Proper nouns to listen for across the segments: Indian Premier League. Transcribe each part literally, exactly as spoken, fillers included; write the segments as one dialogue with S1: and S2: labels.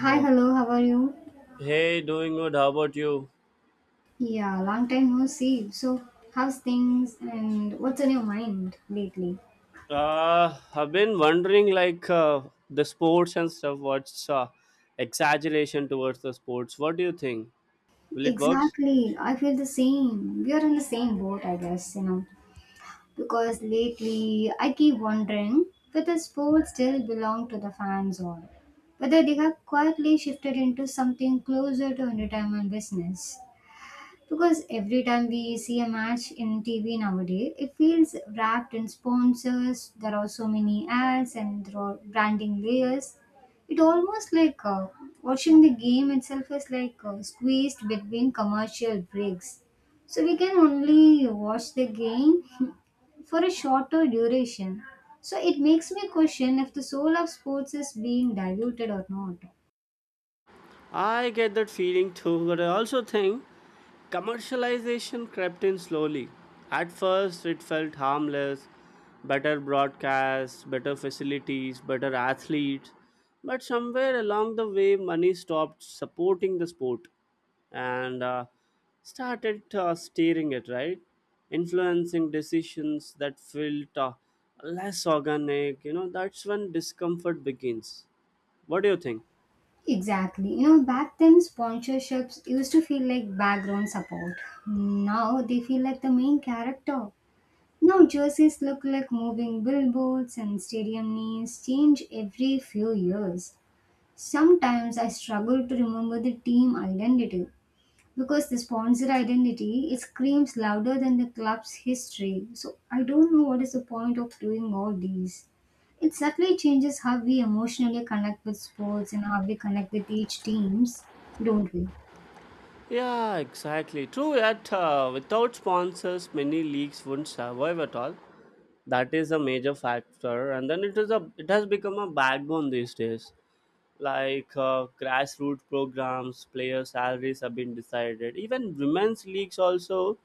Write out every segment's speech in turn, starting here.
S1: Hi, hello, hello, how are you?
S2: Hey, doing good. How about you?
S1: Yeah, long time no see. So, how's things and what's on your mind lately?
S2: Uh, I've been wondering, like, uh, the sports and stuff. What's uh, exaggeration towards the sports? What do you think? Will it work?
S1: Exactly, I feel the same. We are in the same boat, I guess, you know. Because lately, I keep wondering whether sports still belong to the fans or whether they have quietly shifted into something closer to entertainment business. Because every time we see a match in T V nowadays, it feels wrapped in sponsors. There are so many ads and there are branding layers. It almost like uh, watching the game itself is like uh, squeezed between commercial breaks. So we can only watch the game for a shorter duration. So it makes me question if the soul of sports is being diluted or not.
S2: I get that feeling too, but I also think commercialization crept in slowly. At first, it felt harmless, better broadcasts, better facilities, better athletes. But somewhere along the way, money stopped supporting the sport and uh, started uh, steering it, right? Influencing decisions that felt uh, less organic. You know, that's when discomfort begins. What do you think?
S1: Exactly. You know, back then sponsorships used to feel like background support. Now they feel like the main character. Now jerseys look like moving billboards and stadium names change every few years. Sometimes I struggle to remember the team identity because the sponsor identity it screams louder than the club's history. So I don't know what is the point of doing all these. It subtly changes how we emotionally connect with sports and how we connect with each teams, don't we?
S2: Yeah, exactly. True, yet uh, without sponsors, many leagues wouldn't survive at all. That is a major factor, and then it is a it has become a backbone these days. Like uh, grassroots programs, player salaries have been decided. Even women's leagues also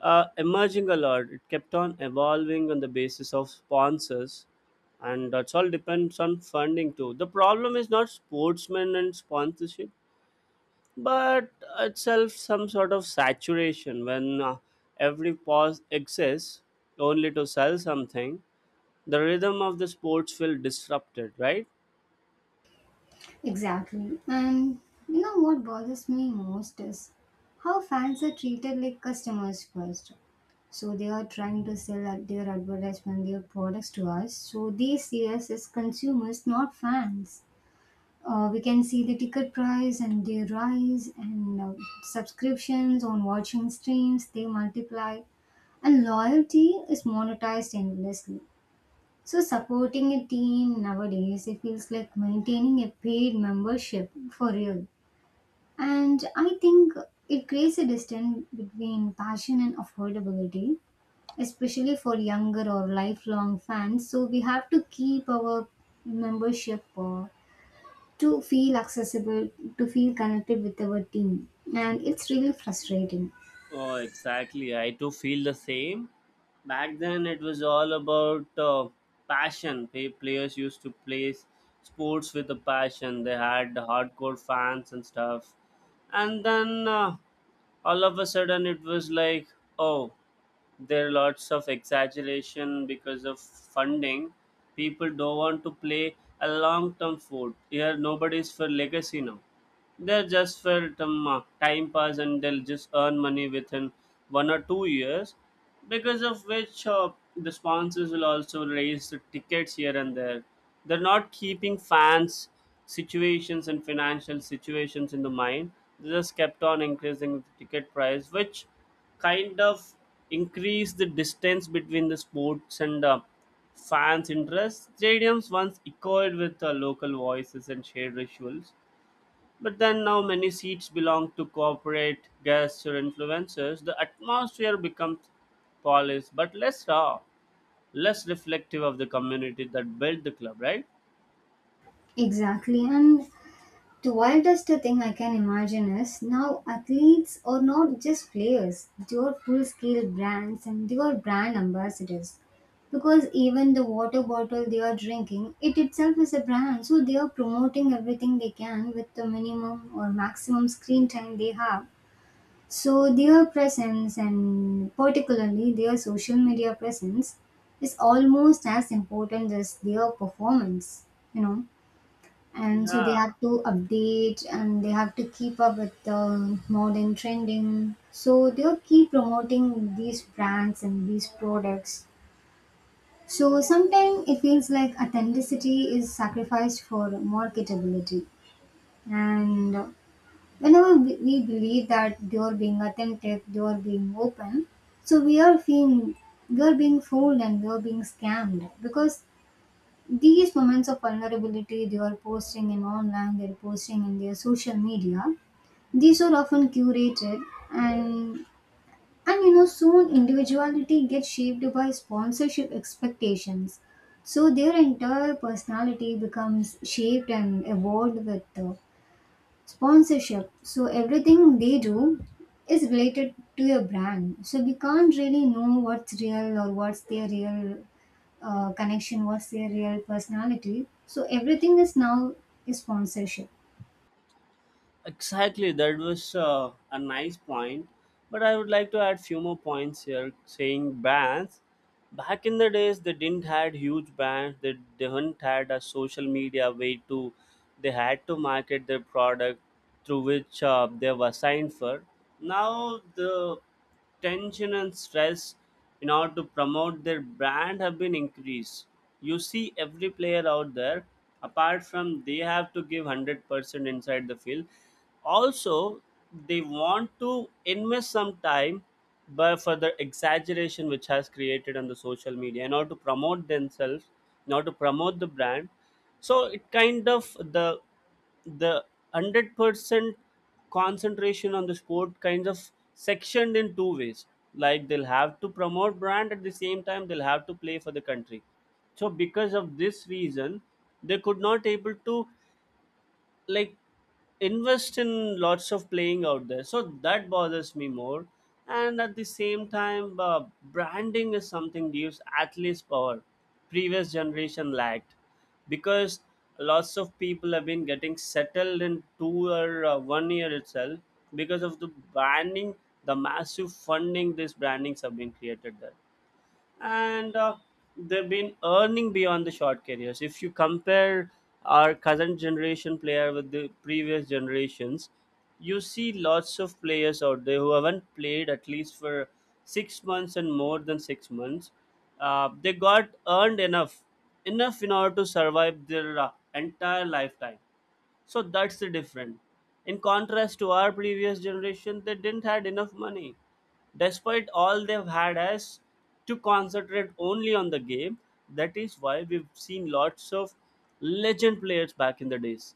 S2: uh, emerging a lot. It kept on evolving on the basis of sponsors, and that's all depends on funding too. The problem is not sportsmen and sponsorship but itself some sort of saturation when uh, every pause exists only to sell something. The rhythm of the sports will disrupted, right?
S1: Exactly. And you know what bothers me most is how fans are treated like customers first. So they are trying to sell ad- their advertisement, their products to us. So they see us as consumers, not fans. Uh, we can see the ticket price and their rise and uh, subscriptions on watching streams they multiply, and loyalty is monetized endlessly. So supporting a team nowadays it feels like maintaining a paid membership for real. And I think it creates a distance between passion and affordability, especially for younger or lifelong fans. So we have to keep our membership uh, to feel accessible, to feel connected with our team. And it's really frustrating.
S2: Oh exactly, I too feel the same. Back then it was all about uh, passion. Pay players used to play sports with a passion, they had hardcore fans and stuff, and then uh, all of a sudden it was like, oh, there are lots of exaggeration because of funding. People don't want to play a long term food. Here, nobody's for legacy now. They're just for some uh, time pass, and they'll just earn money within one or two years because of which uh, the sponsors will also raise the tickets here and there. They're not keeping fans' situations and financial situations in the mind. They just kept on increasing the ticket price, which kind of increased the distance between the sports and uh, fans' interests. Stadiums once echoed with uh, local voices and shared rituals. But then now many seats belong to corporate guests or influencers. The atmosphere becomes polished, but less raw, less reflective of the community that built the club, right?
S1: Exactly. And the wildest thing I can imagine is now athletes are not just players, they are full scale brands and they are brand ambassadors. Because even the water bottle they are drinking, it itself is a brand. So they are promoting everything they can with the minimum or maximum screen time they have. So their presence and particularly their social media presence is almost as important as their performance, you know. And so they
S2: Yeah,
S1: have to update and they have to keep up with the modern trending. So they'll keep promoting these brands and these products. So sometimes it feels like authenticity is sacrificed for marketability. And whenever we we believe that they are being attempted, they are being open, so we are being we are being fooled and we are being scammed because these moments of vulnerability they are posting in online, they are posting in their social media. These are often curated, and and you know soon individuality gets shaped by sponsorship expectations. So their entire personality becomes shaped and evolved with uh, sponsorship. So everything they do is related to your brand. So we can't really know what's real or what's their real uh, connection, what's their real personality. So everything is now is sponsorship.
S2: exactly, that was uh, a nice point. But I would like to add few more points here, saying bands. Back in the days, they didn't had huge bands. They didn't had a social media way to. They had to market their product through which uh, they were signed for. Now the tension and stress in order to promote their brand have been increased. You see every player out there, apart from they have to give one hundred percent inside the field, also they want to invest some time, but for the exaggeration which has created on the social media in order to promote themselves, in order to promote the brand, so it kind of the the one hundred percent concentration on the sport kind of sectioned in two ways, like they'll have to promote brand at the same time they'll have to play for the country. So because of this reason they could not able to, like, invest in lots of playing out there, so that bothers me more. And at the same time, uh, branding is something gives athletes power previous generation lacked, because lots of people have been getting settled in two or uh, one year itself because of the branding, the massive funding these brandings have been created there, and uh, they've been earning beyond the short careers. If you compare our current generation player with the previous generations, you see lots of players out there who haven't played at least for six months and more than six months. Uh, they got earned enough, enough in order to survive their uh, entire lifetime, so that's the difference. In contrast to our previous generation, they didn't had enough money, despite all they've had us to concentrate only on the game. That is why we've seen lots of legend players back in the days.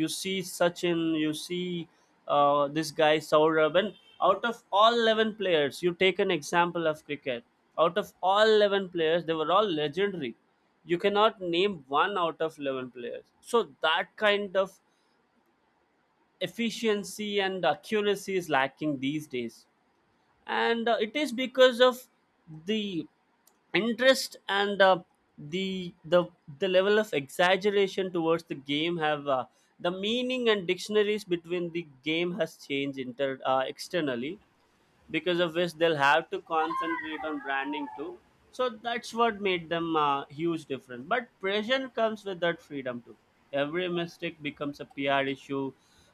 S2: You see Sachin, you see, uh, this guy Saurabh, and out of all eleven players, you take an example of cricket, out of all eleven players they were all legendary. You cannot name one out of eleven players. So that kind of efficiency and accuracy is lacking these days, and uh, it is because of the interest and uh, the the the level of exaggeration towards the game have, uh, the meaning and dictionaries between the game has changed inter uh, externally, because of which they'll have to concentrate on branding too. So that's what made them a huge difference. But pressure comes with that freedom too. Every mistake becomes a P R issue.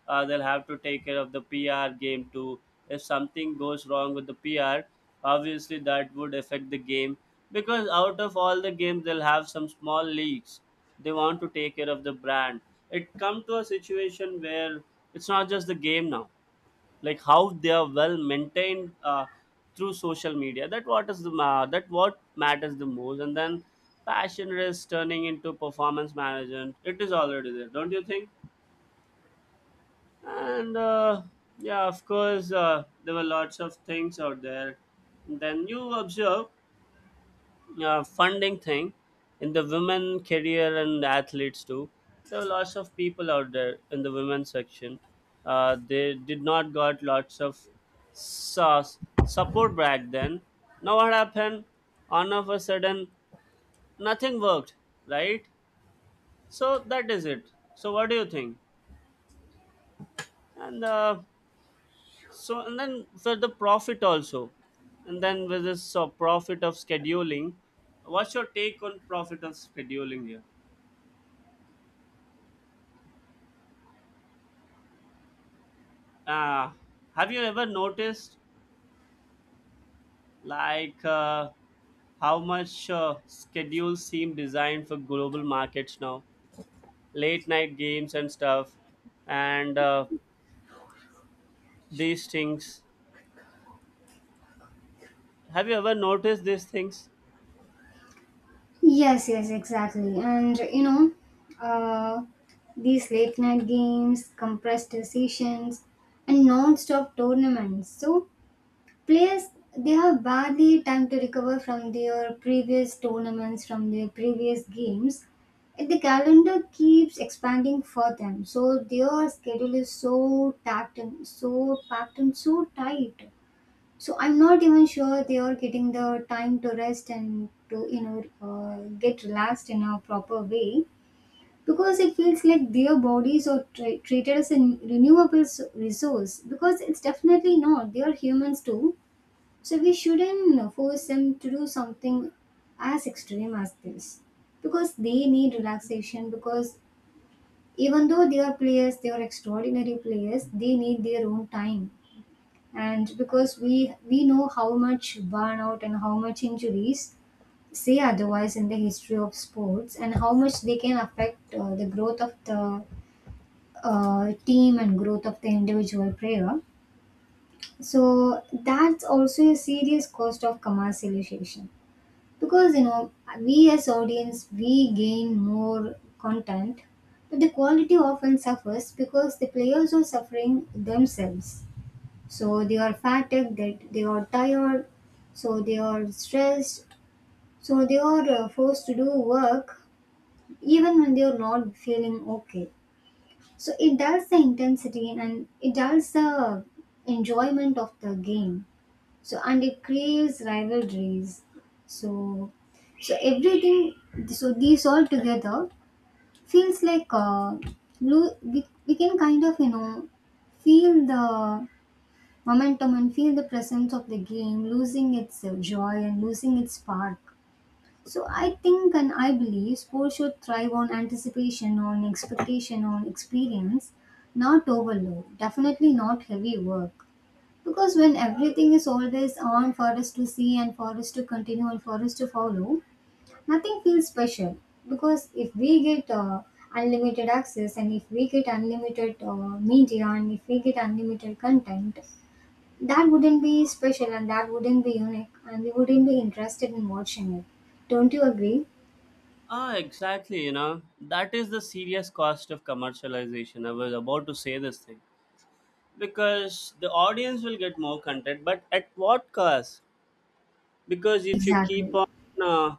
S2: Uh, they'll have to take care of the P R game too. If something goes wrong with the P R, obviously that would affect the game, because out of all the games they'll have some small leaks. They want to take care of the brand. It come to a situation where it's not just the game now, like how they are well maintained uh, through social media, that what is the ma- that what matters the most. And then passion is turning into performance management, it is already there, don't you think? And uh, yeah, of course, uh, there were lots of things out there. Then you observe uh, funding thing in the women career and athletes too. There were lots of people out there in the women's section, uh, they did not got lots of sauce support back then. Now what happened, all of a sudden nothing worked, right? So that is it. So what do you think? And uh, so and then for the profit also, and then with this uh, profit of scheduling, what's your take on profit of scheduling here? Uh, have you ever noticed, like, uh, how much uh, schedules seem designed for global markets now? Late night games and stuff, and uh, these things. Have you ever noticed these things?
S1: Yes, yes, exactly. And you know, uh, these late night games, compressed sessions, and non-stop tournaments. So players they have barely time to recover from their previous tournaments from their previous games. And the calendar keeps expanding for them. So their schedule is so packed and so packed and so tight, so I'm not even sure they are getting the time to rest and to you know uh, get relaxed in a proper way, because it feels like their bodies are tra- treated as a renewable s- resource. Because it's definitely not, they are humans too. So we shouldn't force them to do something as extreme as this, because they need relaxation. Because even though they are players, they are extraordinary players, they need their own time. And because we we know how much burnout and how much injuries say otherwise in the history of sports and how much they can affect uh, the growth of the uh, team and growth of the individual player. So that's also a serious cost of commercialization, because you know, we as audience we gain more content, but the quality often suffers because the players are suffering themselves. So they are fatigued, that they are tired, so they are stressed, so they are uh, forced to do work even when they are not feeling okay. So it dulls the intensity and it dulls the enjoyment of the game. So and it creates rivalries, so so everything, so these all together feels like uh, lo- we, we can kind of you know feel the momentum and feel the presence of the game losing its uh, joy and losing its spark. So I think and I believe sports should thrive on anticipation, on expectation, on experience, not overload, definitely not heavy work. Because when everything is always on for us to see and for us to continue and for us to follow, nothing feels special. Because if we get uh, unlimited access and if we get unlimited uh, media and if we get unlimited content, that wouldn't be special and that wouldn't be unique and we wouldn't be interested in watching it. Don't you agree?
S2: Ah, exactly. You know, that is the serious cost of commercialization. I was about to say this thing, because the audience will get more content, but at what cost? Because if you keep
S1: Exactly.
S2: on uh,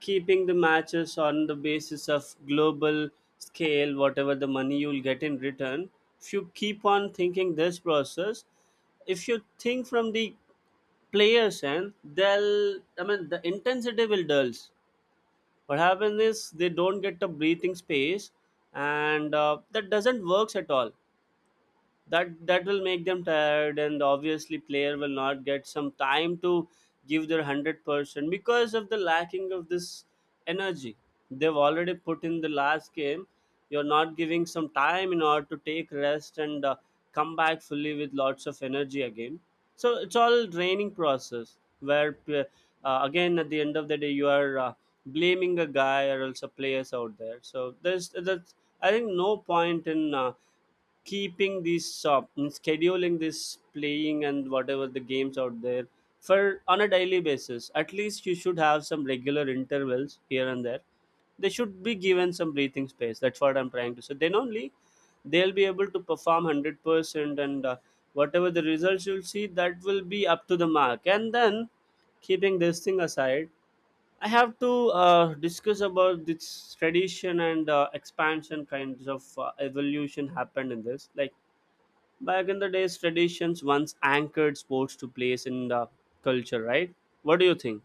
S2: keeping the matches on the basis of global scale, whatever the money you'll get in return, if you keep on thinking this process, if you think from the players end, they'll, I mean, the intensity will dulls. What happens is they don't get a breathing space, and uh, that doesn't works at all. That that will make them tired, and obviously player will not get some time to give their one hundred percent because of the lacking of this energy they've already put in the last game. You're not giving some time in order to take rest and uh, come back fully with lots of energy again. So it's all draining process where p- uh, again at the end of the day you are, uh, blaming a guy or else a players out there. So there's, that's, I think no point in, uh, keeping these shop and scheduling this playing and whatever the games out there for on a daily basis. At least you should have some regular intervals here and there, they should be given some breathing space, that's what I'm trying to say. Then only they'll be able to perform one hundred percent, and uh, whatever the results you'll see, that will be up to the mark. And then keeping this thing aside, I have to uh, discuss about this tradition and uh, expansion kinds of uh, evolution happened in this, like, back in the days, traditions once anchored sports to place in the culture, right? What do you think?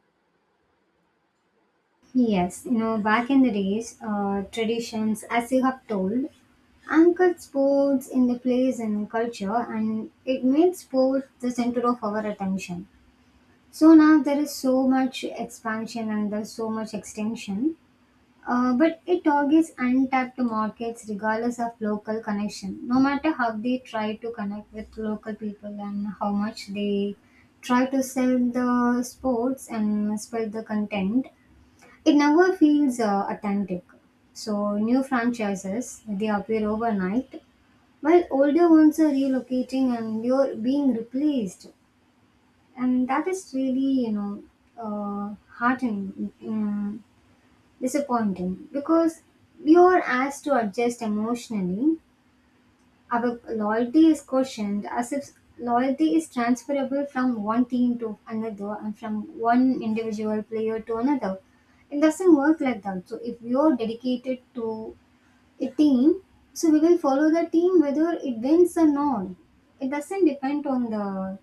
S1: Yes, you know, back in the days, uh, traditions, as you have told, anchored sports in the place and culture, and it made sports the center of our attention. So now there is so much expansion and there's so much extension, uh, but it targets untapped markets regardless of local connection. No matter how they try to connect with local people and how much they try to sell the sports and spread the content, it never feels uh, authentic. So new franchises they appear overnight, while older ones are relocating and you're being replaced, and that is really you know uh, heartening, mm, disappointing, because you're asked to adjust emotionally. Our loyalty is questioned as if loyalty is transferable from one team to another and from one individual player to another. It doesn't work like that. So if you are dedicated to a team, so we will follow the team whether it wins or not. It doesn't depend on the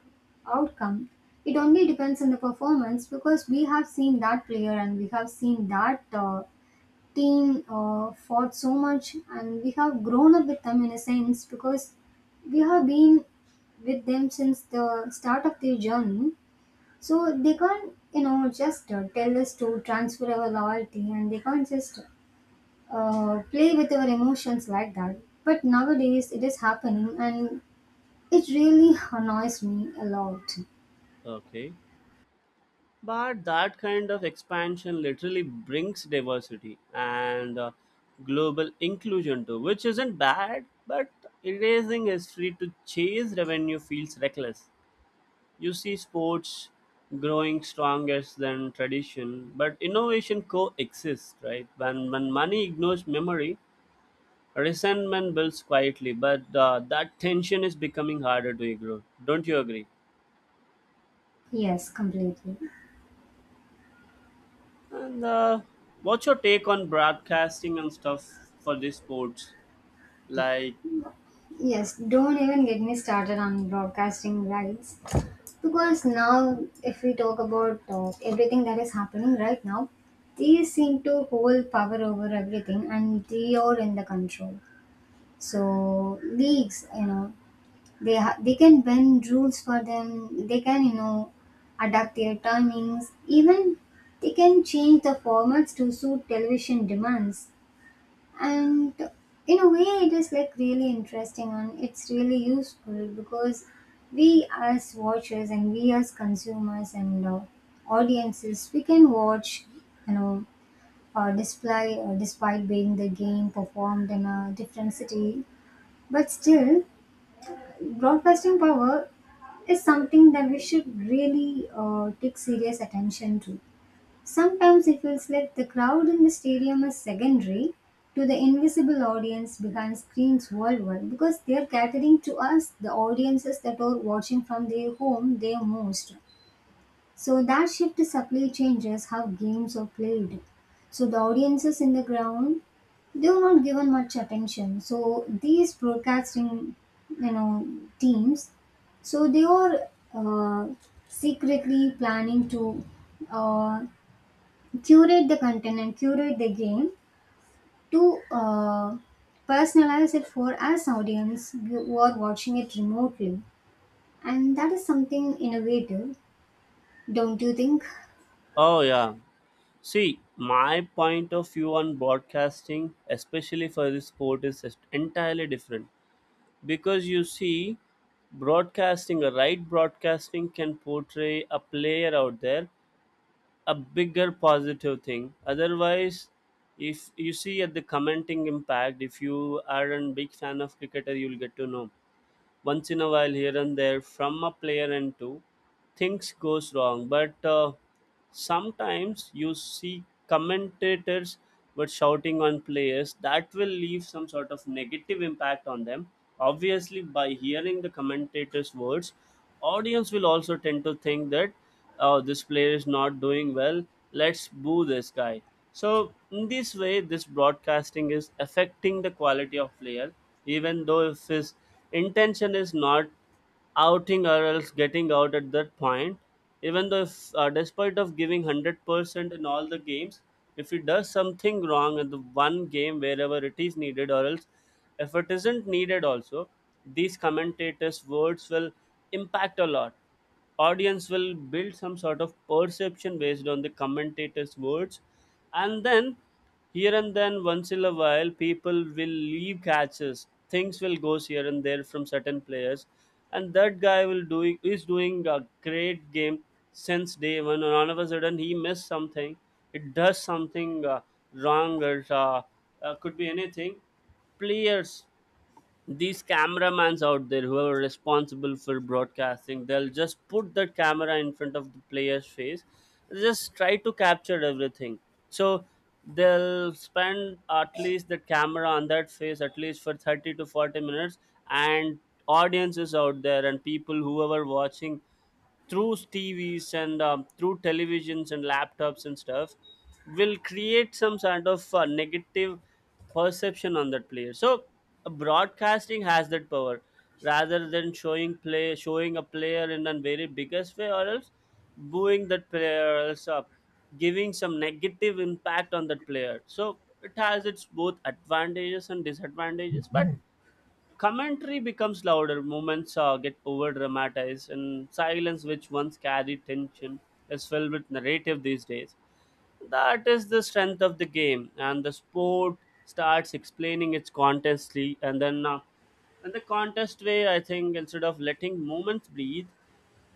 S1: outcome. It only depends on the performance, because we have seen that player and we have seen that uh, team uh, fought so much and we have grown up with them in a sense, because we have been with them since the start of their journey. So they can't you know just uh, tell us to transfer our loyalty and they can't just uh, play with our emotions like that. But nowadays it is happening, and it really annoys me a lot.
S2: Okay. But that kind of expansion literally brings diversity and uh, global inclusion too, which isn't bad, but erasing history to chase revenue feels reckless. You see sports growing strongest than tradition, but innovation coexists, right? When, when money ignores memory, resentment builds quietly, but uh, that tension is becoming harder to ignore. Don't you agree?
S1: Yes, completely.
S2: And uh, what's your take on broadcasting and stuff for these sports? Like,
S1: Yes, don't even get me started on broadcasting rights. Because now, if we talk about uh, everything that is happening right now, they seem to hold power over everything, and they are in the control. So leagues, you know, they ha- they can bend rules for them. They can, you know, adapt their timings. Even they can change the formats to suit television demands. And in a way it is like really interesting and it's really useful, because we as watchers and we as consumers and uh, audiences we can watch you know uh, display uh, despite being the game performed in a different city, but still broadcasting power is something that we should really uh, take serious attention to. Sometimes it feels like the crowd in the stadium is secondary to the invisible audience behind screens worldwide, because they are catering to us, the audiences that are watching from their home, their most. So that shift subtly changes how games are played. So the audiences in the ground they are not given much attention. So these broadcasting, you know, teams, so they are uh, secretly planning to uh, curate the content and curate the game to uh, personalize it for us audience who are watching it remotely, and that is something innovative, don't you think?
S2: oh yeah. See, my point of view on broadcasting, especially for this sport, is just entirely different. Because you see, broadcasting, a right broadcasting can portray a player out there a bigger positive thing. Otherwise, if you see at the commenting impact, if you are a big fan of cricketer you'll get to know once in a while here and there from a player, and two things goes wrong. But uh, sometimes you see commentators were shouting on players that will leave some sort of negative impact on them. Obviously, by hearing the commentators words, audience will also tend to think that, oh, this player is not doing well, let's boo this guy. So in this way this broadcasting is affecting the quality of player, even though if his intention is not outing or else getting out at that point. Even though if, uh, despite of giving a hundred percent in all the games, if he does something wrong in the one game wherever it is needed, or else if it isn't needed also, these commentators words will impact a lot. Audience will build some sort of perception based on the commentator's words. And then here and then, once in a while, people will leave catches, things will goes here and there from certain players, and that guy will doing is doing a great game since day one, and all of a sudden he missed something. It does something uh, wrong, or uh, uh, could be anything. Players, these cameramans out there who are responsible for broadcasting, they'll just put that camera in front of the player's face, just try to capture everything. So they'll spend at least the camera on that face at least for thirty to forty minutes. And audiences out there and people whoever watching through T Vs and um, through televisions and laptops and stuff will create some sort of uh, negative perception on that player. So uh, broadcasting has that power, rather than showing play, showing a player in a very biggest way, or else booing that player, or else uh, giving some negative impact on that player. So it has its both advantages and disadvantages. But commentary becomes louder, moments uh, get over dramatized, and silence, which once carried tension, is filled with narrative these days. That is the strength of the game, and the sport starts explaining its contestly, and then uh, in the contest way, I think instead of letting moments breathe,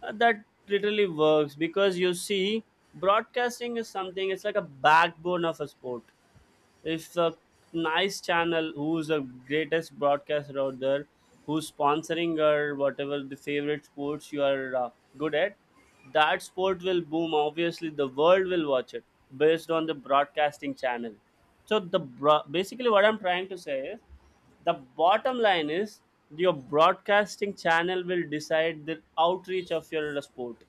S2: uh, that literally works. Because you see, broadcasting is something. It's like a backbone of a sport. If a nice channel, who's the greatest broadcaster out there, who's sponsoring, or whatever the favorite sports you are uh, good at, that sport will boom. Obviously, the world will watch it based on the broadcasting channel. So the bro- basically what I'm trying to say is, the bottom line is, your broadcasting channel will decide the outreach of your sport.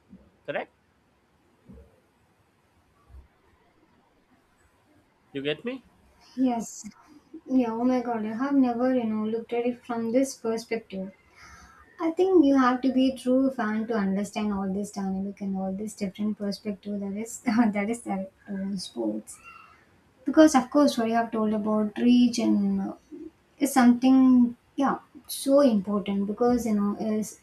S2: Correct? You get me?
S1: Yes. Yeah, oh my god, I have never you know looked at it from this perspective. I think you have to be a true fan to understand all this dynamic and all this different perspective that is that is there to sports. Because of course what you have told about reach and uh, is something, yeah, so important, because you know is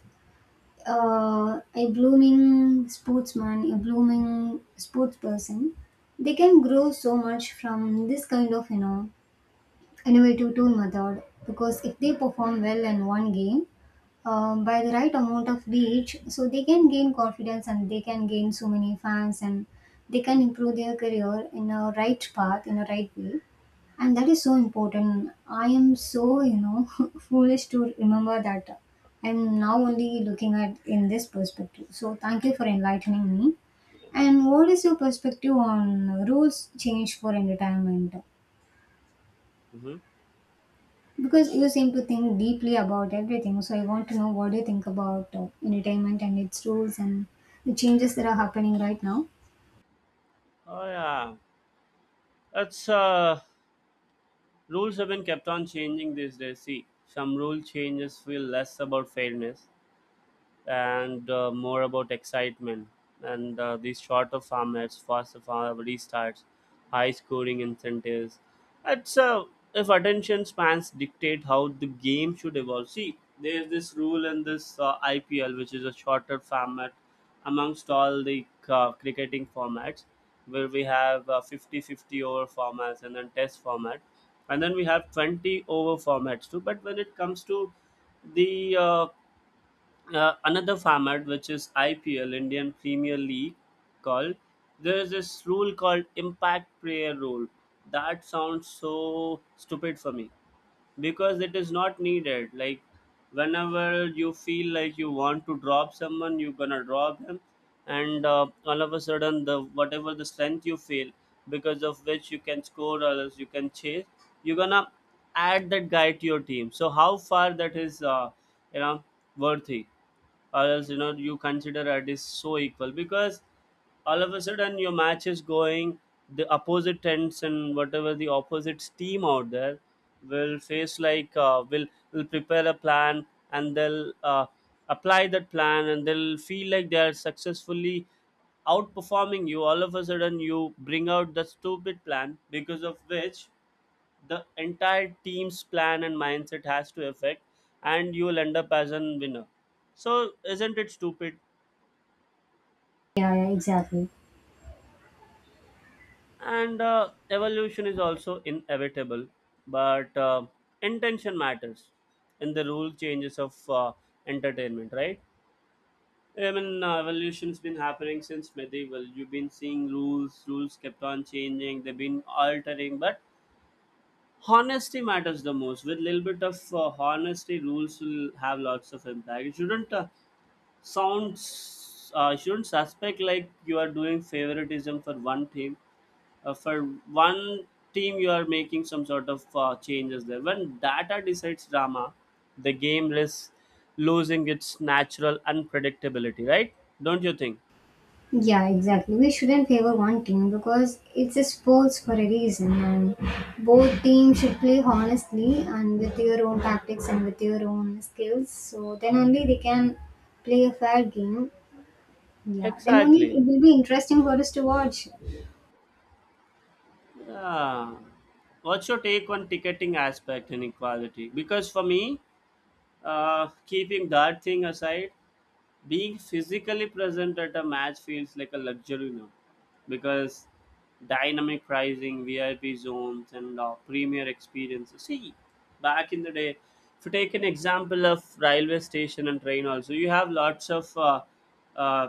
S1: uh, a blooming sportsman, a blooming sports person, they can grow so much from this kind of you know innovative tool method. Because if they perform well in one game, um, by the right amount of reach, so they can gain confidence and they can gain so many fans and they can improve their career in a right path, in a right way. And that is so important. I am so, you know, foolish to remember that I'm now only looking at in this perspective. So thank you for enlightening me. And what is your perspective on rules change for entertainment?
S2: Hmm.
S1: Because you seem to think deeply about everything, so I want to know what do you think about uh, entertainment and its rules and the changes that are happening right now.
S2: Oh yeah. That's uh rules have been kept on changing these days. See, some rule changes feel less about fairness and uh, more about excitement. And uh, these shorter formats, faster form- restarts, high scoring incentives. It's uh, If attention spans dictate how the game should evolve. See, there's this rule in this uh, I P L, which is a shorter format amongst all the uh, cricketing formats, where we have uh, fifty fifty over formats and then test format, and then we have twenty over formats too. But when it comes to the uh, uh, another format, which is I P L, Indian Premier League called, there is this rule called impact player rule that sounds so stupid for me, because it is not needed. Like, whenever you feel like you want to drop someone, you're gonna drop him. And uh, all of a sudden, the whatever the strength you feel, because of which you can score or else you can chase, you're gonna add that guy to your team. So how far that is uh, you know, worthy, or else you know you consider it is so equal. Because all of a sudden your match is going the opposite tents, and whatever the opposite team out there will face, like uh, will will prepare a plan, and they'll uh, apply that plan, and they'll feel like they are successfully outperforming you. All of a sudden you bring out the stupid plan, because of which the entire team's plan and mindset has to affect, and you will end up as a winner. So isn't it stupid?
S1: Yeah, yeah, exactly.
S2: And uh, evolution is also inevitable, but uh, intention matters in the rule changes of uh, entertainment, right? I mean, uh, evolution's been happening since medieval. You've been seeing rules rules kept on changing, they've been altering. But honesty matters the most. With a little bit of uh, honesty, rules will have lots of impact. You shouldn't uh, sounds uh, shouldn't suspect like you are doing favoritism for one team, uh, for one team you are making some sort of uh, changes there. When data decides drama, the game is losing its natural unpredictability, right? Don't you think?
S1: Yeah, exactly. We shouldn't favor one team because it's a sports for a reason, and both teams should play honestly and with your own tactics and with your own skills. So then only they can play a fair game. Yeah, then only
S2: Exactly.
S1: it will be interesting for us to watch.
S2: Yeah. What's your take on ticketing aspect inequality? Because for me, uh, keeping that thing aside, being physically present at a match feels like a luxury now, because dynamic pricing, V I P zones, and uh, premier experiences. See, back in the day, if you take an example of railway station and train, also you have lots of uh, uh,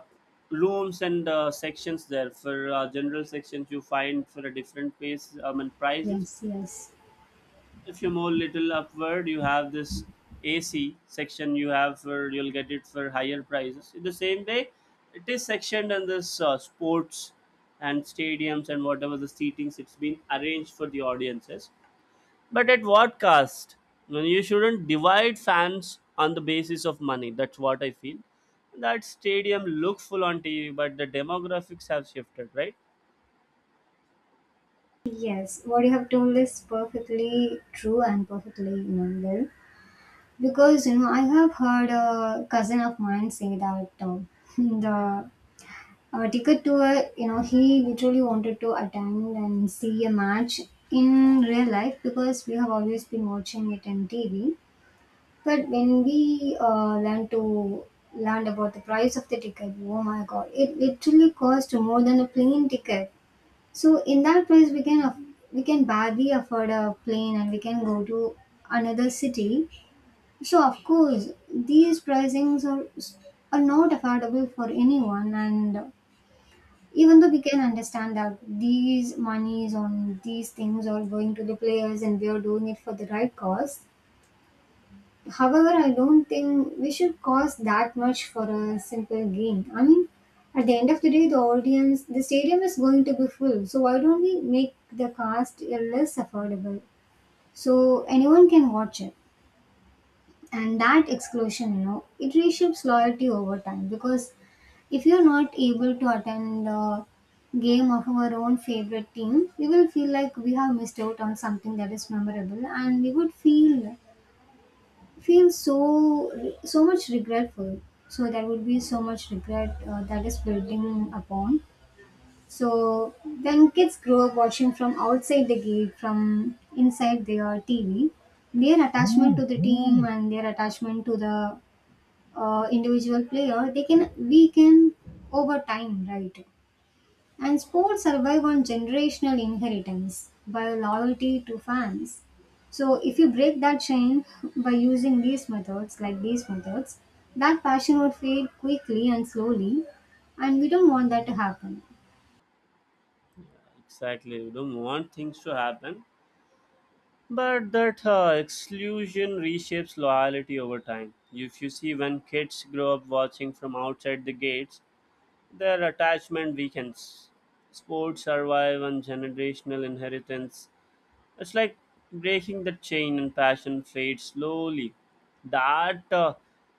S2: rooms and uh, sections there. For uh, general sections, you find for a different pace, I mean, prices.
S1: Yes, yes.
S2: If you move little upward, you have this A C section, you have for, you'll get it for higher prices. In the same way, it is sectioned on this uh, sports and stadiums, and whatever the seatings it's been arranged for the audiences. But at what cost? I mean, you shouldn't divide fans on the basis of money, that's what I feel. That stadium looks full on TV, but the demographics have shifted, right?
S1: Yes, what you have told is perfectly true and perfectly, you know, well. Because, you know, I have heard a cousin of mine say that uh, the uh, ticket to a you know, he literally wanted to attend and see a match in real life because we have always been watching it in T V. But when we uh, learned to learned about the price of the ticket, oh my God, it literally cost more than a plane ticket. So in that price, we can aff- we can barely afford a plane, and we can go to another city. So of course, these pricings are are not affordable for anyone. And even though we can understand that these monies on these things are going to the players, and we are doing it for the right cause, however, I don't think we should cost that much for a simple game. I mean, at the end of the day, the audience, the stadium is going to be full. So why don't we make the cost less affordable so anyone can watch it? And that exclusion, you know, it reshapes loyalty over time. Because if you're not able to attend the game of our own favorite team, we will feel like we have missed out on something that is memorable, and we would feel feel so so much regretful. So there would be so much regret uh, that is building upon. So when kids grow up watching from outside the gate from inside their T V, their attachment to the team and their attachment to the uh, individual player they can weaken over time, right? And sports survive on generational inheritance by loyalty to fans. So if you break that chain by using these methods, like these methods, that passion would fade quickly and slowly, and we don't want that to happen.
S2: Exactly, you don't want things to happen. But that uh, exclusion reshapes loyalty over time. If you see, when kids grow up watching from outside the gates, their attachment weakens. Sports survive on generational inheritance. It's like breaking the chain and passion fades slowly. That uh,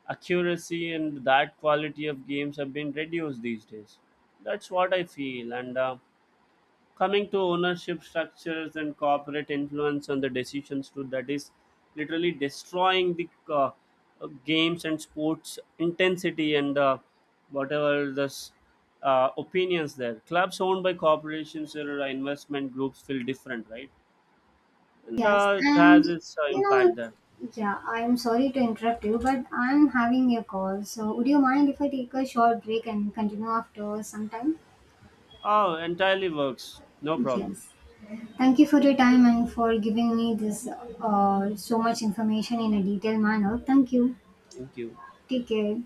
S2: accuracy and that quality of games have been reduced these days. That's what I feel. And uh, coming to ownership structures and corporate influence on the decisions too, that is literally destroying the uh, uh, games and sports intensity, and uh, whatever the s- uh, opinions there. Clubs owned by corporations or investment groups feel different, right? And
S1: Yes,
S2: uh, it
S1: and
S2: has its uh,
S1: you
S2: impact
S1: know,
S2: there.
S1: yeah, I'm sorry to interrupt you, but I'm having a call. So would you mind if I take a short break and continue after some time?
S2: Oh, entirely works, no problem.
S1: Yes. Thank you for your time and for giving me this uh, so much information in a detailed manner. Thank you.
S2: Thank you.
S1: Take care.